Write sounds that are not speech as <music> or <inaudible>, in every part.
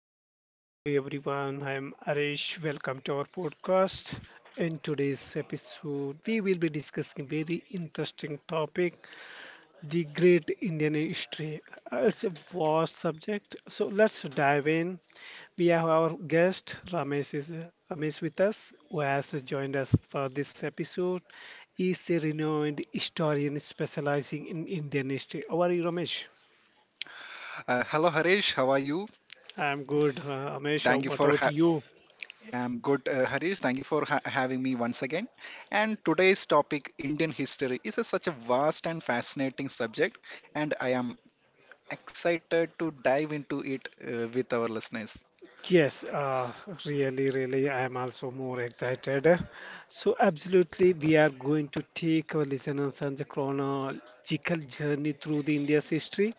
Hi, hello everyone. I'm Arish. Welcome to our podcast. In today's episode, we will be discussing very interesting topic, the Great Indian History. It's a vast subject, so let's dive in. We have our guest Ramesh with us, who has joined us for this episode. He's a renowned historian specializing in Indian history. How are you, Ramesh? Hello, Harish. How are you? I'm good, Ramesh. Thank you What for about ha- you? I'm good, Harish. Thank you for having me once again. And today's topic, Indian history, is such a vast and fascinating subject, and I am excited to dive into it with our listeners. Yes, really, I am also more excited. So, absolutely, we are going to take our listeners on the chronological journey through the India's history,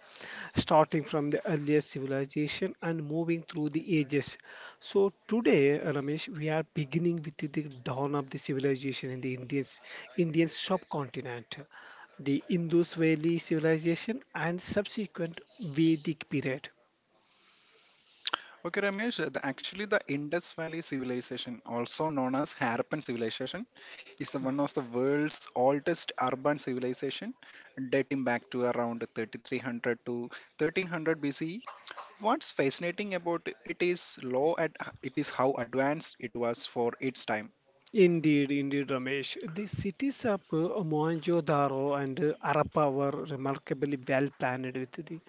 starting from the earliest civilization and moving through the ages. So, today, Ramesh, we are beginning with the dawn of the civilization in the Indian subcontinent, the Indus Valley civilization and subsequent Vedic period. Okay, Ramesh. Actually, the Indus Valley civilization, also known as Harappan civilization, is the one of the world's oldest urban civilization, dating back to around 3300 to 1300 BCE. What's fascinating about it is low at it is how advanced it was for its time. Indeed, Ramesh. The cities of Mohenjo-daro and Harappa were remarkably well planned with the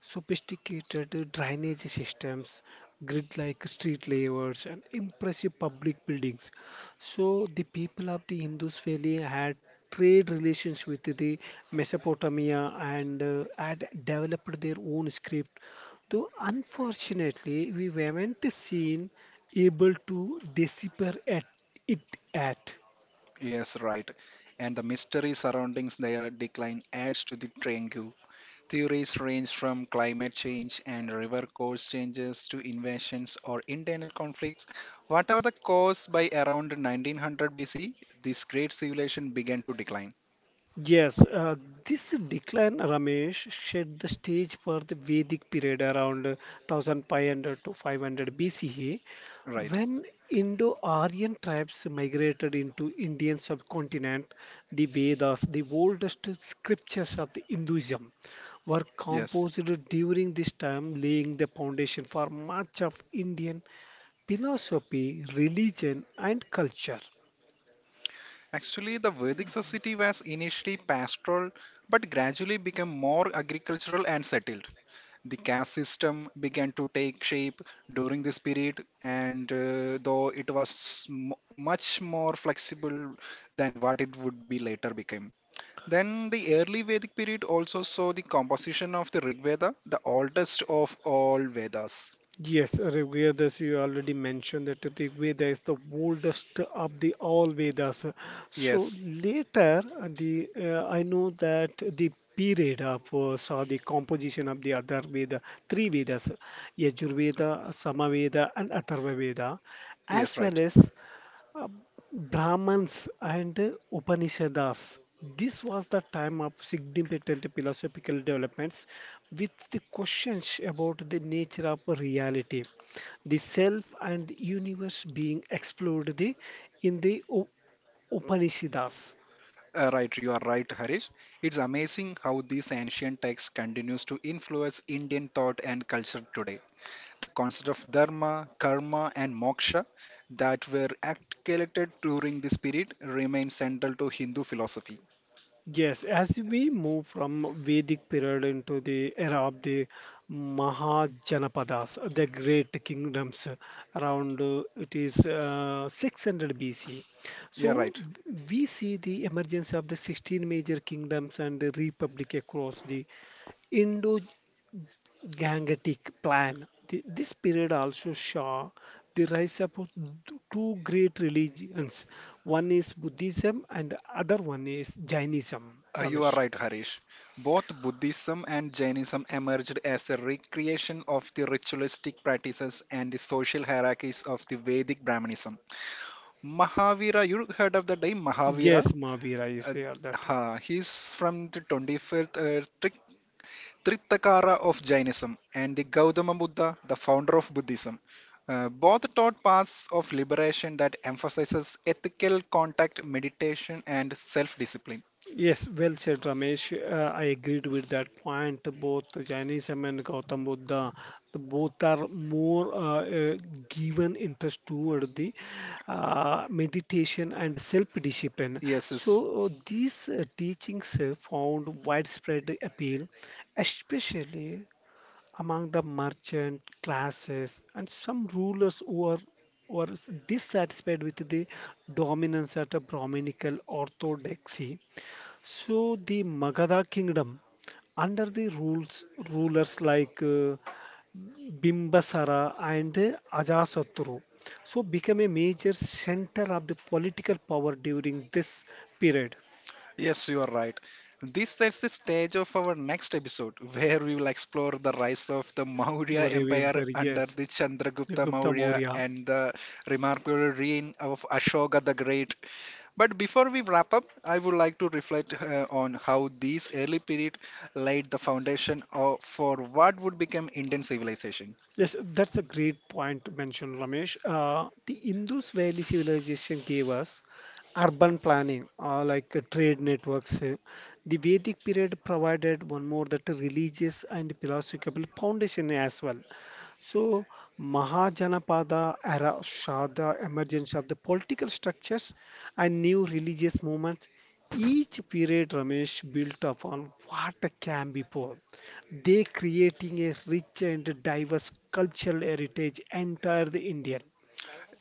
sophisticated drainage systems, grid like street layouts, and impressive public buildings. So, the people of the Indus Valley had trade relations with the Mesopotamia and had developed their own script. Though unfortunately, we weren't seen able to decipher at it at. Yes, right. And the mystery surrounding their decline adds to the triangle. Theories range from climate change and river course changes to invasions or internal conflicts. Whatever the cause, by around 1900 BC, this great civilization began to decline. Yes, this decline, Ramesh, set the stage for the Vedic period around 1500 to 500 BCE, Right. when Indo-Aryan tribes migrated into Indian subcontinent. The Vedas, the oldest scriptures of the Hinduism, were Yes. composed during this time, laying the foundation for much of Indian philosophy, religion, and culture. Actually, the Vedic society was initially pastoral but gradually became more agricultural and settled. The caste system began to take shape during this period, and though it was much more flexible than what it would be later became. Then the early Vedic period also saw the composition of the Rig Veda, the oldest of all Vedas. Yes, Rigveda, as you already mentioned, that Rigveda is the oldest of the all Vedas. So Yes, later, the I know that the period of saw the composition of the other Veda, three Vedas, Yajurveda, Samaveda, and Atharvaveda, yes, as well right. as uh, Brahmans and Upanishads. This was the time of significant philosophical developments with the questions about the nature of reality, the self and the universe being explored in the Upanishads. Right, you are right, Harish. It's amazing how this ancient text continues to influence Indian thought and culture today. The concept of dharma, karma, and moksha that were articulated during this period remain central to Hindu philosophy. Yes, as we move from Vedic period into the era of the Mahajanapadas, the great kingdoms around it is 600 BC. Yeah, right. So we see the emergence of the 16 major kingdoms and the republic across the Indo-Gangetic Plain. This period also saw the rise of two great religions. One is Buddhism and the other one is Jainism, You are Ramesh. right, Harish. Both Buddhism and Jainism emerged as a recreation of the ritualistic practices and the social hierarchies of the Vedic Brahmanism. Mahavira, you heard of the name Yes, Mahavira? Mahavira. I Uh, say all that. He's from the 25th Tritakara of Jainism and the Gautama Buddha, the founder of Buddhism. Both taught paths of liberation that emphasizes ethical contact, meditation, and self-discipline. Yes, well said, Ramesh. I agreed with that point. Both Jainism and Gautam Buddha, the both are more uh, given interest toward the meditation and self-discipline. Yes, yes, So these teachings found widespread appeal, especially among the merchant classes and some rulers who were dissatisfied with the dominance at a Brahminical orthodoxy. So the Magadha kingdom, under the rules rulers like Bimbisara and Ajasatru so became a major center of the political power during this period. yes, you are right. This sets the stage of our next episode, where we will explore the rise of the Maurya Maurya Empire Empire, under yes, the the Chandragupta Gupta Maurya Maurya. and the remarkable reign of Ashoka the Great. But before we wrap up, I would like to reflect on how these early period laid the foundation for what would become Indian civilization. Yes, that's a great point to mention, Ramesh. The Indus Valley civilization gave us urban planning, like trade networks. The Vedic period provided one more that religious and philosophical foundation as well. So, Mahajanapada era saw the emergence of the political structures and new religious movements. Each period, Ramesh, built upon what came before. They creating a rich and diverse cultural heritage entire the Indian.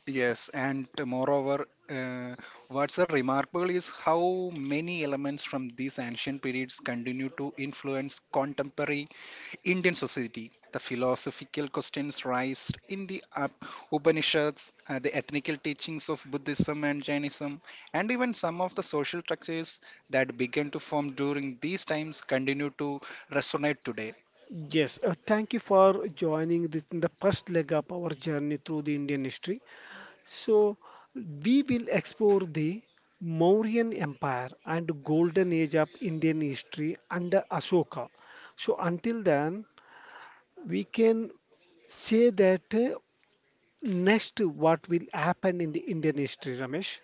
Yes, and moreover, what's remarkable is how many elements from these ancient periods continue to influence contemporary Indian society. The philosophical questions raised in the Upanishads, the ethnical teachings of Buddhism and Jainism, and even some of the social structures that began to form during these times continue to resonate today. Yes, thank you for joining this in the first leg of our journey through the Indian history. So, we will explore the Mauryan Empire and Golden Age of Indian history under Ashoka. So, until then, we can say that next what will happen in the Indian history, Ramesh.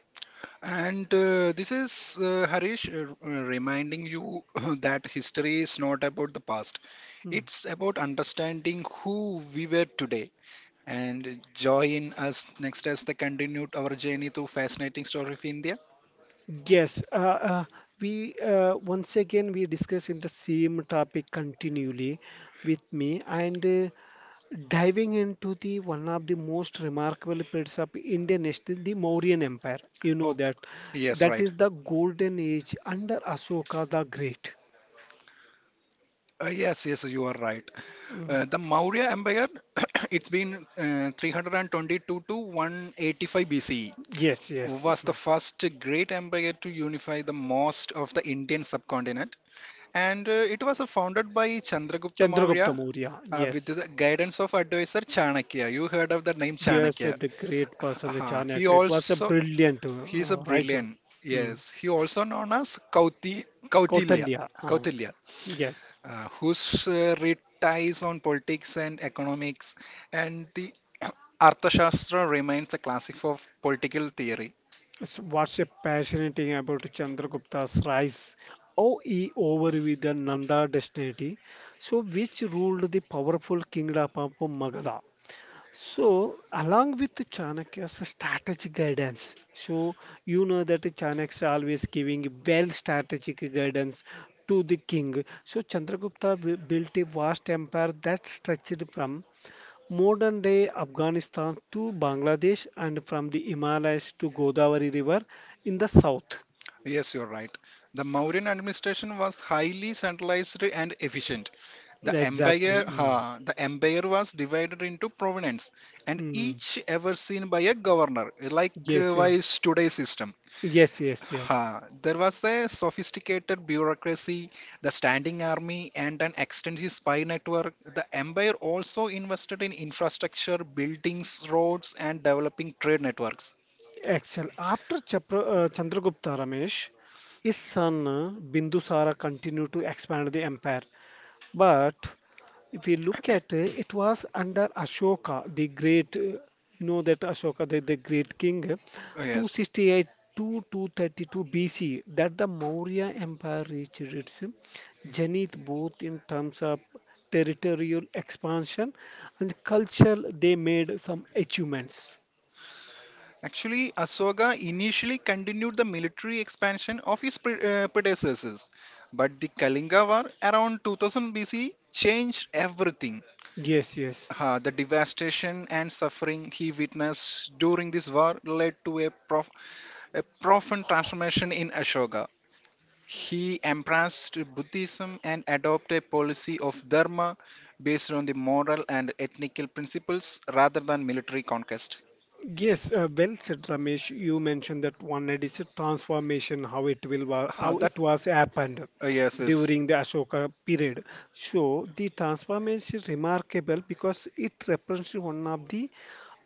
And this is Harish reminding you <clears throat> that history is not about the past, Hmm. it's about understanding who we were today. And join us next as they continue our journey through fascinating story of India. Yes, uh, we once again we discuss in the same topic continually with me and diving into the one of the most remarkable periods of Indian history, the Mauryan Empire. You know Oh, that yes, that right. is the golden age under Ashoka the Great. Yes, yes, you are right. Mm. The Maurya Empire, <coughs> <clears throat> it's been 322 to 185 BCE, Yes, yes. was the Mhm. first great empire to unify the most of the Indian subcontinent. And it was founded by Chandragupta Chandragupta Maurya Maurya. With Yes, the guidance of advisor Chanakya. You heard of the name yes, Chanakya. the great person, the Uh, he Chanakya. It was a also, brilliant he's a writer. brilliant. Mm. Yes, he also known as Kautilya. Kautalya. Kautilya, Yes. Whose read ties on politics and economics, and the <clears throat> Arthashastra remains a classic of political theory. So what's a passionate thing about Chandragupta's rise? OE over with the Nanda dynasty, so which ruled the powerful kingdom of Magadha. So, along with the Chanakya's strategic guidance, so you know that Chanakya always giving well strategic guidance to the king. So, Chandragupta built a vast empire that stretched from modern day Afghanistan to Bangladesh and from the Himalayas to Godavari River in the south. Yes, you're right. The Mauryan administration was highly centralized and efficient. The Exactly. empire, Mm. ha, the empire was divided into provinces, and Mm. each overseen by a governor, like Yes, yeah. wise today's system. Yes, yes, yes. There was a sophisticated bureaucracy, the standing army, and an extensive spy network. The empire also invested in infrastructure, buildings, roads, and developing trade networks. Excellent. After Chandragupta, Ramesh, his son Bindusara continued to expand the empire. But if you look at it, it was under Ashoka, the great, you know that Ashoka, the great king, Oh, yes. 268 to 232 BC, that the Maurya Empire reached its zenith both in terms of territorial expansion and culture. They made some achievements. Actually, Asoka initially continued the military expansion of his predecessors, but the Kalinga War around 2000 BC changed everything. Yes, yes. The devastation and suffering he witnessed during this war led to a profound transformation in Ashoka. He embraced Buddhism and adopted a policy of dharma based on the moral and ethnical principles rather than military conquest. Yes, well said, Ramesh. You mentioned that one is a transformation, how it will how That it was happened Yes, yes. during the Ashoka period. So the transformation is remarkable because it represents one of the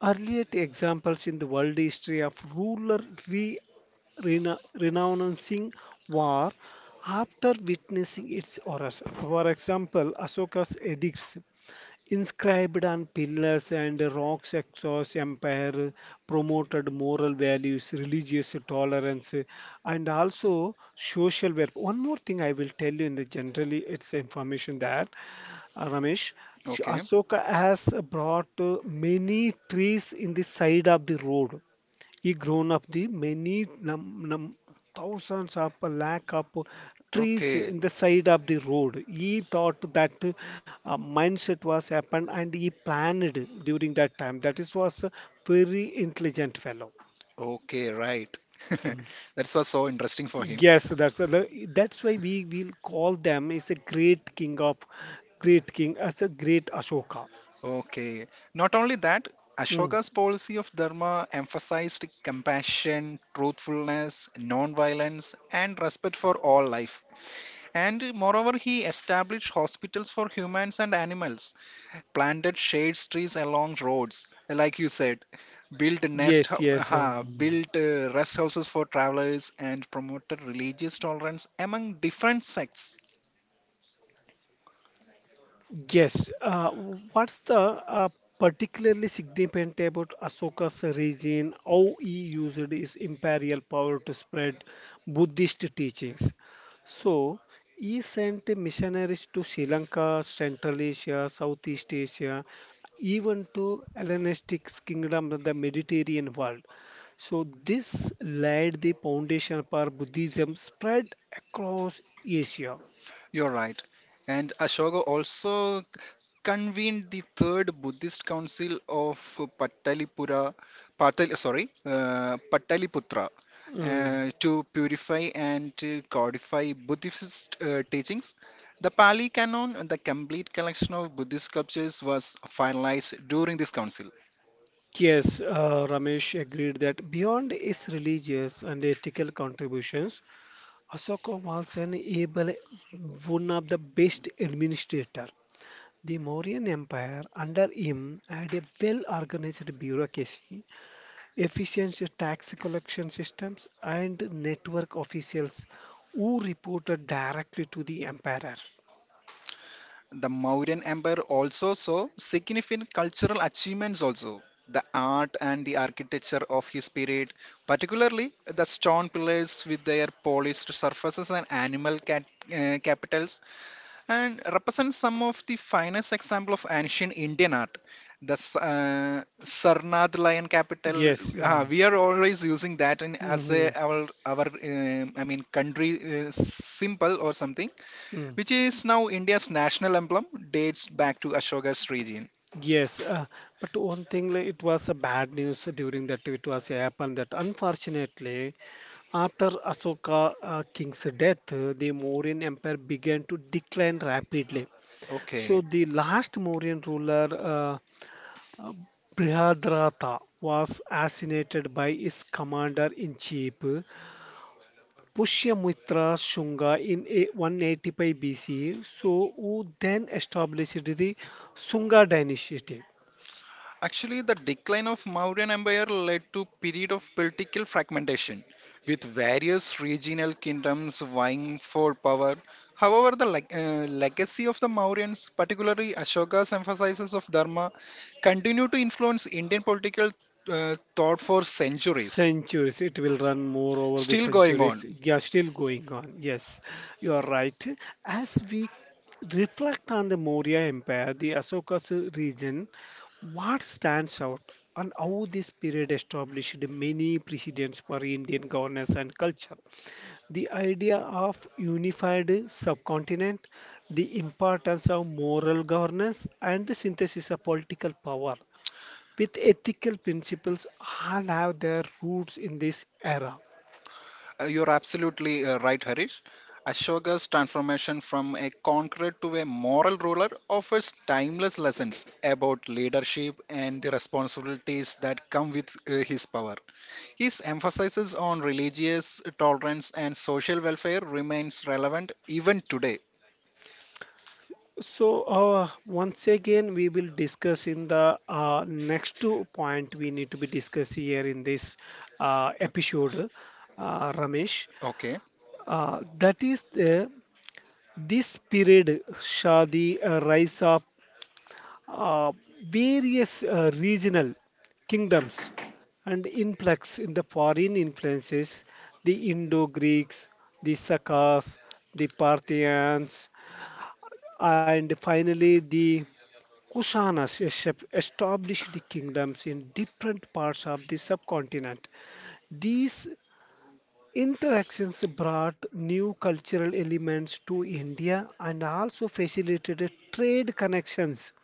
earliest examples in the world history of ruler re renouncing war after witnessing its horrors. For example, Ashoka's edicts inscribed on pillars and rocks across empire promoted moral values, religious tolerance, and also social welfare. One more thing I will tell you in the generally it's information that Ramesh, Okay, Asoka has brought many trees in the side of the road. He grown up the many thousands of lakh of trees okay, in the side of the road. He thought that mindset was happened and he planned during that time. That is was a very intelligent fellow. okay, right. <laughs> Mm. That was so interesting for him. Yes, that's why we will call them as a great king as a great Ashoka. Okay. Not only that, Mm. Ashoka's policy of dharma emphasized compassion, truthfulness, non-violence, and respect for all life. And moreover, he established hospitals for humans and animals, planted shade trees along roads, like you said, built nest, Yes, hou- yes. uh, built uh, rest houses for travelers, and promoted religious tolerance among different sects. Yes. What's the particularly significant about Ashoka's regime? How he used his imperial power to spread Buddhist teachings. So he sent missionaries to Sri Lanka, Central Asia, Southeast Asia, even to Hellenistic kingdom of the Mediterranean world. So this laid the foundation for Buddhism spread across Asia. You're right. And Ashoka also convened the third Buddhist council of Patalipura, sorry, Pataliputra, Mm. To purify and to codify Buddhist teachings. The Pali Canon, the complete collection of Buddhist sculptures, was finalized during this council. Yes, Ramesh agreed that beyond its religious and ethical contributions, Ashoka was an able, one of the best administrator. The Mauryan Empire under him had a well-organized bureaucracy, efficient tax collection systems, and network officials who reported directly to the emperor. The Mauryan Empire also saw significant cultural achievements also. The art and the architecture of his period, particularly the stone pillars with their polished surfaces and animal capitals, and represent some of the finest example of ancient Indian art. The Sarnath lion capital, Yes. Mm. we are always using that as Mhm. our I mean country symbol or something, Mm. which is now India's national emblem, dates back to Ashoka's region. Yes, but one thing, like, it was a bad news during that it was happened that unfortunately, after Asoka king's death, the Mauryan Empire began to decline rapidly. So Okay. the last Mauryan ruler, uh, Brihadratha, was assassinated by his commander-in-chief, Pushyamitra Shunga, in 185 BCE. So who then established the Sunga dynasty. Actually, the decline of Mauryan Empire led to period of political fragmentation, with various regional kingdoms vying for power. However, the legacy of the Mauryans, particularly Ashoka's emphasis of dharma, continued to influence Indian political thought for centuries. Centuries. It will run more over the Still going centuries. on. They are still going on. Yes, you are right. As we reflect on the Maurya Empire, the Ashoka's region, what stands out and how this period established many precedents for Indian governance and culture. The idea of unified subcontinent, the importance of moral governance, and the synthesis of political power with ethical principles all have their roots in this era. You're absolutely right, Harish. Ashoka's transformation from a conqueror to a moral ruler offers timeless lessons about leadership and the responsibilities that come with his power. His emphasis on religious tolerance and social welfare remains relevant even today. So, once again, we will discuss in the next two point we need to be discussed here in this episode, Ramesh. Okay. That is the this period saw the rise of uh, various regional kingdoms and influx in the foreign influences, the Indo-Greeks, the Sakas, the Parthians, and finally the Kushanas established kingdoms in different parts of the subcontinent. These interactions brought new cultural elements to India and also facilitated trade connections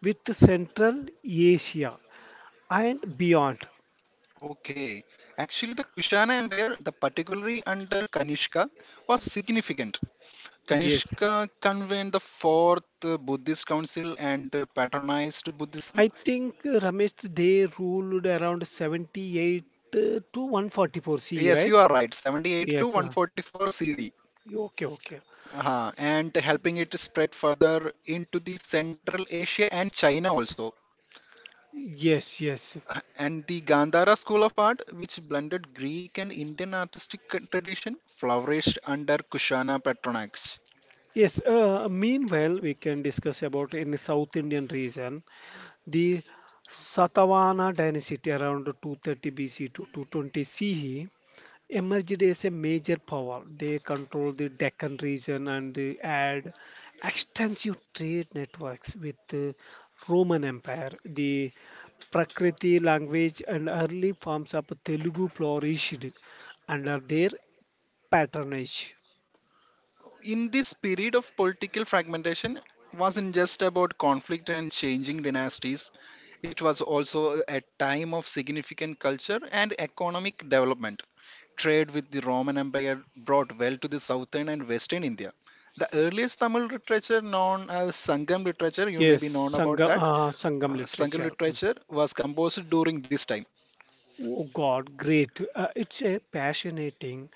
with Central Asia and beyond. Okay. Actually, the Kushana Empire, the particularly under Kanishka, was significant. Yes, Kanishka convened the fourth Buddhist council and patronized I Buddhism. think Ramesh they ruled around 78 to 144 CE, Yes, right? you are right, 78 Yes. to uh, 144 CE, Okay, okay. And helping it spread further into the Central Asia and China also. Yes, yes. And the Gandhara school of art, which blended Greek and Indian artistic tradition, flourished under Kushana patronage. Yes, meanwhile, we can discuss about in the South Indian region, the Satavahana dynasty around 230 BC to 220 CE emerged as a major power. They control the Deccan region and they had extensive trade networks with the Roman Empire. The Prakriti language and early forms of Telugu flourished under their patronage. In this period of political fragmentation wasn't just about conflict and changing dynasties. It was also a time of significant culture and economic development. Trade with the Roman Empire brought wealth to the southern and western India. The earliest Tamil literature known as Sangam literature, you may Yes, be known about that. Sangam Sangam literature. Hmm. literature was composed during this time. Oh God, great. It's a fascinating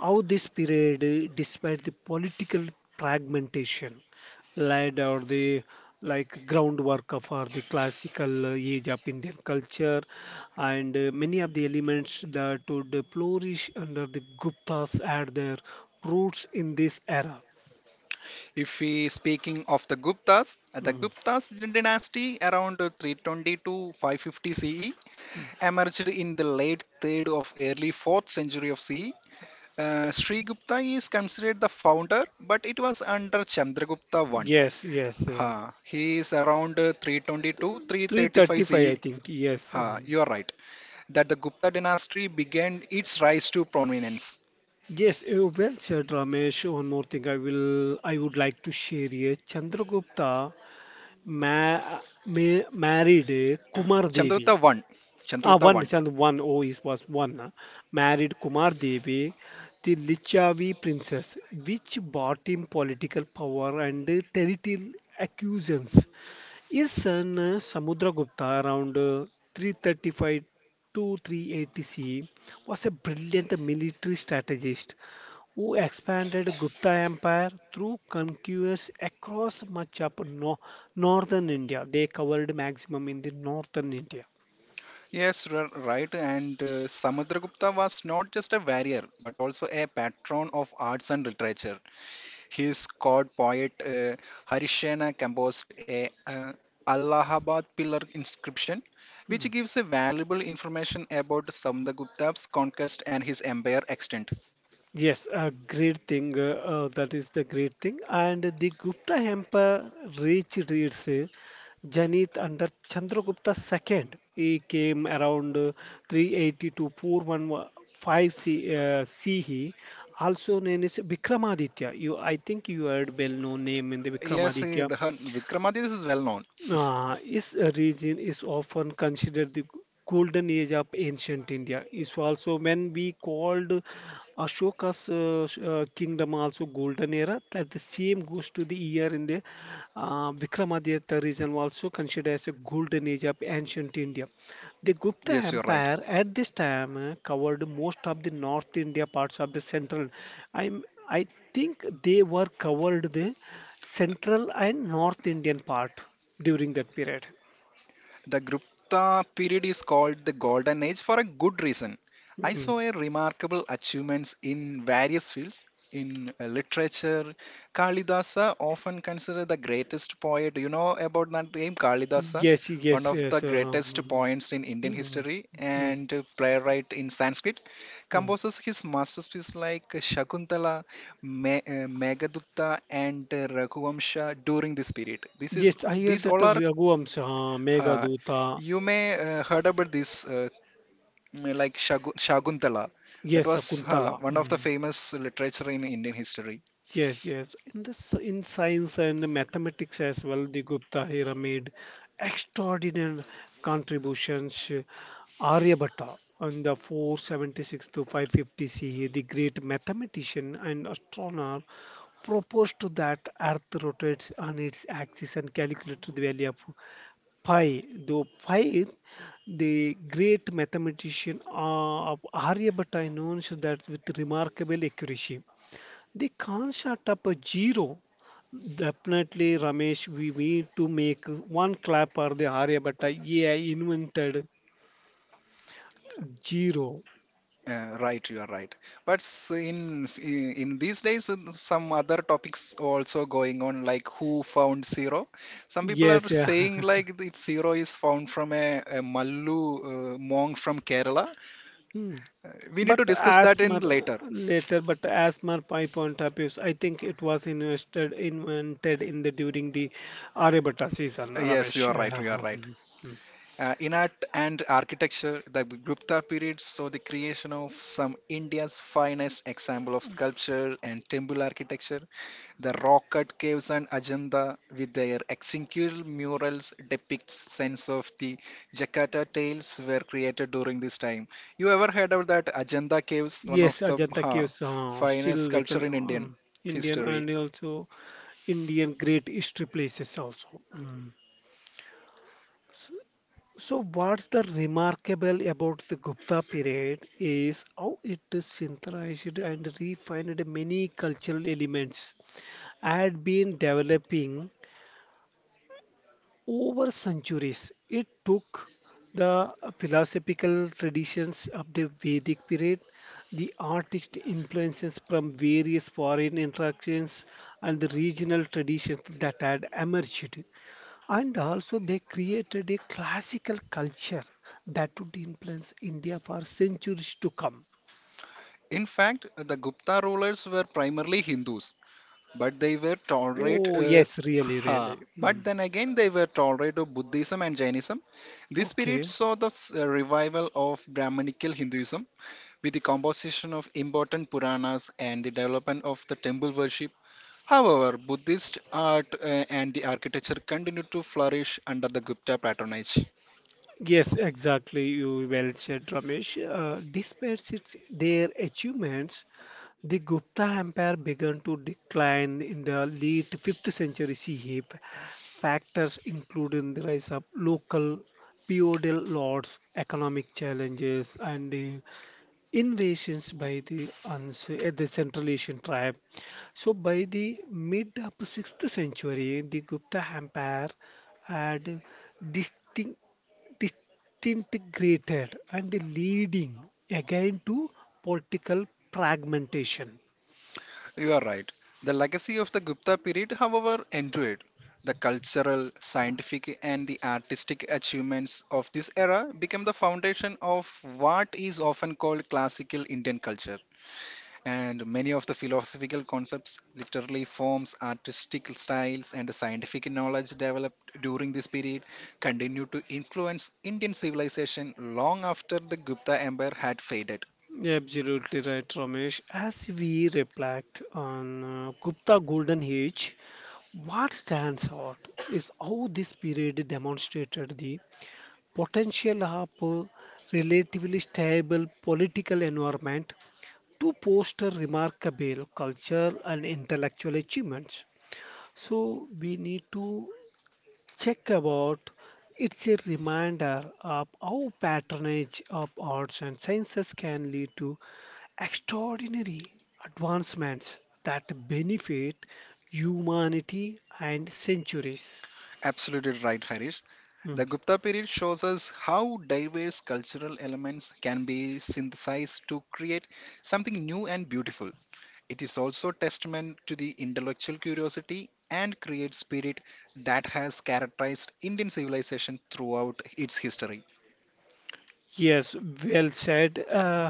how this period, despite the political fragmentation, laid or the like groundwork for the classical age of Indian culture and many of the elements that would flourish under the Guptas had their roots in this era. If we speaking of the Guptas, uh, the Mm. Guptas dynasty around 320 to 550 CE, emerged in the late 3rd of early 4th century of CE. Sri Gupta is considered the founder, but it was under Chandragupta I. Yes, yes. He is around 322 335 335, I CE. think. Yes. Um. You are right. That the Gupta dynasty began its rise to prominence. Yes, well said, Ramesh. One more thing I would like to share here. Chandragupta ma ma married Kumar Devi. Chandragupta I. Ah, Chandragupta one I. Chand one oh is was one married Kumar Devi, the Lichavi princess, which bought him political power and territorial accusations. His son Samudragupta around 335 to 380 CE was a brilliant military strategist who expanded Gupta Empire through conquests across much of northern India. They covered maximum in the northern India. Yes, you right. And Samudragupta was not just a warrior, but also a patron of arts and literature. His court poet Harishena composed a Allahabad pillar inscription, Hmm. which gives a valuable information about Samdagupta's conquest and his empire extent. Yes, a great thing. That is the great thing. And the Gupta Empire reached its zenith under Chandragupta II. He came around 380 to 415 CE, also known as Vikramaditya. You, I think you heard well-known name in the Yes, Vikramaditya. Vikramaditya is well known. This region is often considered the golden age of ancient India. Is also when we called Ashoka's kingdom also golden era. That the same goes to the year in the Vikramaditya region also considered as a golden age of ancient India. The Gupta Yes, you're right. Empire at this time covered most of the North India parts of the central. I'm I think they were covered the central and North Indian part during that period. The Gupta period is called the golden age for a good reason. I Mm. saw a remarkable achievements in various fields. In literature, Kalidasa often considered the greatest poet. You know about that name, Kalidasa, Yes, one yes, of the yes. Greatest poets in Indian mm, history mm, and playwright in Sanskrit. mm. Composes his masterpieces like Shakuntala, Meghdutta, and Raghuvamsha during this period. This is Yes, I heard These that all the are, Raghuvansh, uh, Meghdooto, you may heard about this like Shakuntala. That yes, was Kuntala. one of the famous literature in Indian history. Yes, yes. In this, in science and mathematics as well, the Gupta era made extraordinary contributions. Aryabhatta, in the 476 to 550 CE, the great mathematician and astronomer, proposed to that Earth rotates on its axis and calculated the value of pi. Though pi, the great mathematician of Aryabhatta announced that with remarkable accuracy. They can't shut up a zero. Definitely, Ramesh, we need to make one clap for the Aryabhatta. Yeah, invented zero. Right, you are right. But in these days, in some other topics also going on, like who found zero. Some people are Yes, yeah. saying <laughs> like that zero is found from a, Mallu monk from Kerala. Hmm. We need But to discuss as that per in later. but as per my point of view, I think it was invented in the during the Aryabhatta season, Yes, you Ramesh. are right. You are right. <laughs> Yeah. In art and architecture, the Gupta period saw the creation of some India's finest example of sculpture and temple architecture. The rock cut caves and Ajanta, with their exquisite murals, depicts sense of the Jakarta tales were created during this time. You ever heard of that Ajanta caves, one of Yes, the Ajanta Caves finest still we can sculpture in Indian Indian history? and also Indian great history places also. Mm. So what's the remarkable about the Gupta period is how it synthesized and refined many cultural elements had been developing over centuries. It took the philosophical traditions of the Vedic period, the artist influences from various foreign interactions, and the regional traditions that had emerged. And also, they created a classical culture that would influence India for centuries to come. In fact, the Gupta rulers were primarily Hindus. But they were tolerate. Oh, yes, really, Ha. really. But Mm. then again, they were tolerate of Buddhism and Jainism. This period Okay. saw the revival of Brahmanical Hinduism, with the composition of important Puranas and the development of the temple worship. However, Buddhist art and the architecture continued to flourish under the Gupta patronage. Yes, exactly. You well said, Ramesh. Despite its, their achievements, the Gupta Empire began to decline in the late 5th century CE. Factors including the rise of local feudal lords, economic challenges, and invasions by the, the Central Asian tribe. So, by the mid upper 6th century, the Gupta Empire had distinct, disintegrated and leading again to political fragmentation. You are right. The legacy of the Gupta period, however, endured. The cultural, scientific, and the artistic achievements of this era became the foundation of what is often called classical Indian culture. And many of the philosophical concepts, literary forms, artistic styles, and the scientific knowledge developed during this period continued to influence Indian civilization long after the Gupta Empire had faded. Absolutely right, Ramesh. As we reflect on Gupta Golden Age, what stands out is how this period demonstrated the potential of a relatively stable political environment to foster remarkable culture and intellectual achievements. So we need to check about it's a reminder of how patronage of arts and sciences can lead to extraordinary advancements that benefit humanity and centuries. Absolutely right, Harish. Hmm. The Gupta period shows us how diverse cultural elements can be synthesized to create something new and beautiful. It is also testament to the intellectual curiosity and creative spirit that has characterized Indian civilization throughout its history. Yes, well said. Uh,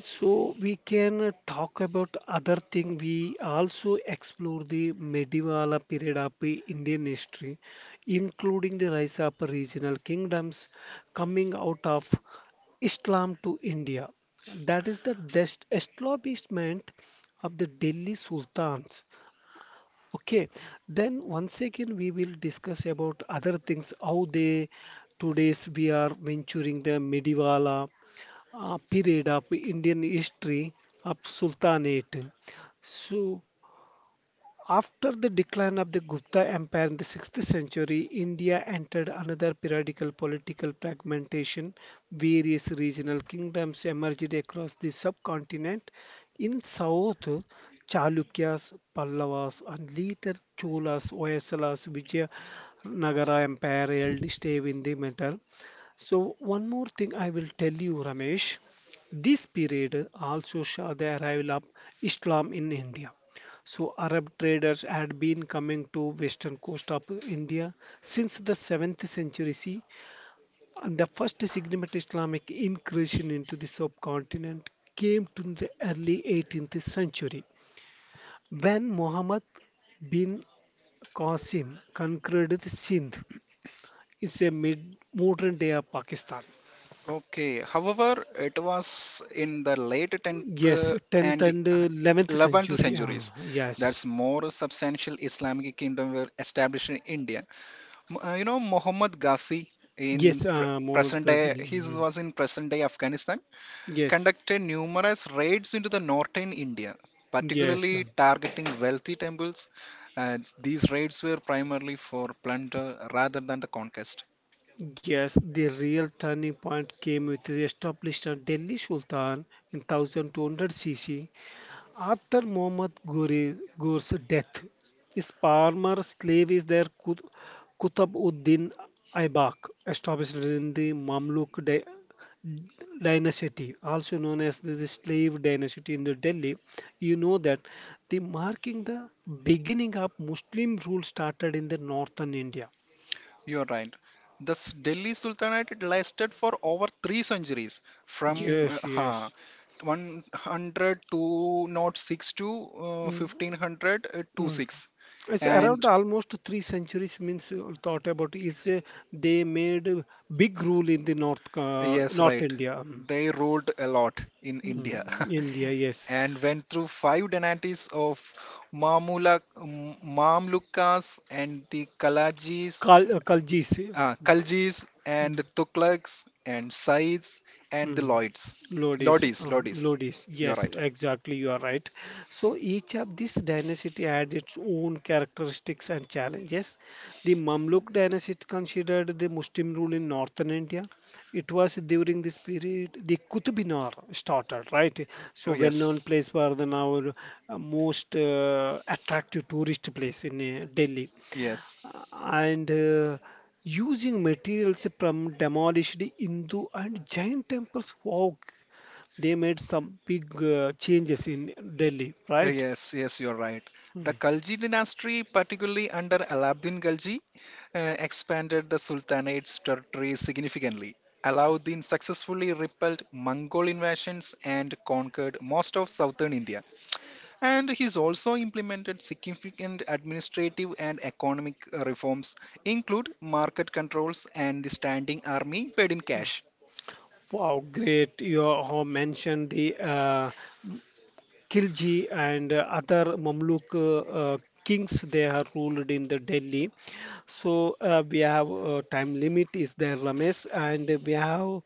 so we can talk about other thing. We also explore the medieval period of the Indian history, including the rise of regional kingdoms coming out of Islam to India. That is the establishment of the Delhi Sultans. Okay, then once again we will discuss about other things, how they today's we are venturing the medieval period of Indian history of Sultanate. So, after the decline of the Gupta Empire in the 6th century, India entered another periodical political fragmentation. Various regional kingdoms emerged across the subcontinent. In south, Chalukyas, Pallavas, and later Cholas, Hoysalas, Vijayanagara Empire held stay in the matter. So, one more thing I will tell you, Ramesh. This period also saw the arrival of Islam in India. So Arab traders had been coming to western coast of India since the 7th century CE, and the first significant Islamic incursion into the subcontinent came to the early 18th century when Muhammad bin Qasim conquered the Sindh. It's a mid modern day of Pakistan. Okay, however, it was in the late 10th Yes, 10th and and 11th 11th century. Centuries Yes, that's more substantial Islamic kingdom were established in India. You know Mohammad Ghazi, yes, in Muhammad present day Ghazni. he Mhm. was in present day Afghanistan, Yes, conducted numerous raids into the northern India, yes. particularly targeting wealthy temples. uh, these raids were primarily for plunder rather than the conquest. Yes, the real turning point came with the establishment of Delhi Sultan in 1200 CC. After Ghore's death, his former slave is their Qutb ud-Din Aibak, established in the dynasty, also known as the slave dynasty in the Delhi. You know that the marking the beginning of Muslim rule started in the northern India. You're right. The Delhi Sultanate lasted for over 3 centuries, from uh, Yes, huh, yes. 100 to 6 to Mm. 1500 Mm. 26, It's around and almost three centuries means thought about is they made a big rule in the north yes, North right. India. They ruled a lot in Mm. India Mm, India yes, <laughs> and went through five dynasties of Mamlukas and the Kaljis. Kaljis and Tughlaqs and Saids and the Mm. Lloyds. Lodis, Lodis. Lodis, You're yes, right. exactly, you are right. So each of these dynasty had its own characteristics and challenges. The Mamluk dynasty considered the Muslim rule in northern India. It was during this period the Qutbminar started, right? So Oh, yes, well-known place for the now most attractive tourist place in Delhi yes. and using materials from demolished Hindu and Jain temples. Wow, they made some big changes in Delhi, right? Yes, yes, you're right. The Hmm. Khalji dynasty, particularly under Alaeddin Khalji, expanded the Sultanate's territory significantly. Alauddin successfully repelled Mongol invasions and conquered most of southern India. And he's also implemented significant administrative and economic reforms, include market controls and the standing army paid in cash. Wow, great. You have mentioned the Khilji and other Mamluk uh, kings they have ruled in the Delhi. So we have time limit is there, Ramesh, and we have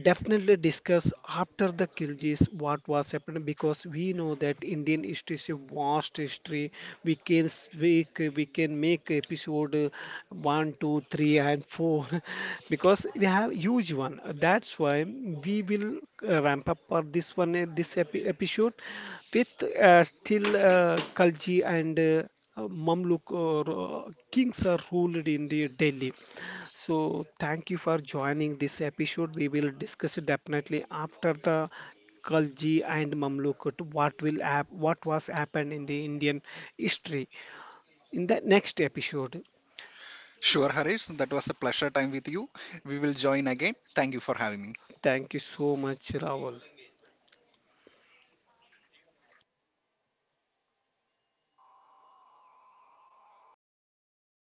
definitely discuss after the Khiljis what was happened because we know that Indian history is a vast history. We can speak, we can make episode 1, 2, 3, and 4 <laughs> because we have huge one. That's why we will ramp up for this one, this episode with still Khalji and Mamluk or kings are ruled in the Delhi. So thank you for joining this episode. We will discuss it definitely after the Khalji and Mamluk to what will what was happened in the Indian history in the next episode. Sure, Harish, that was a pleasure time with you. We will join again. Thank you for having me. Thank you so much, Rahul.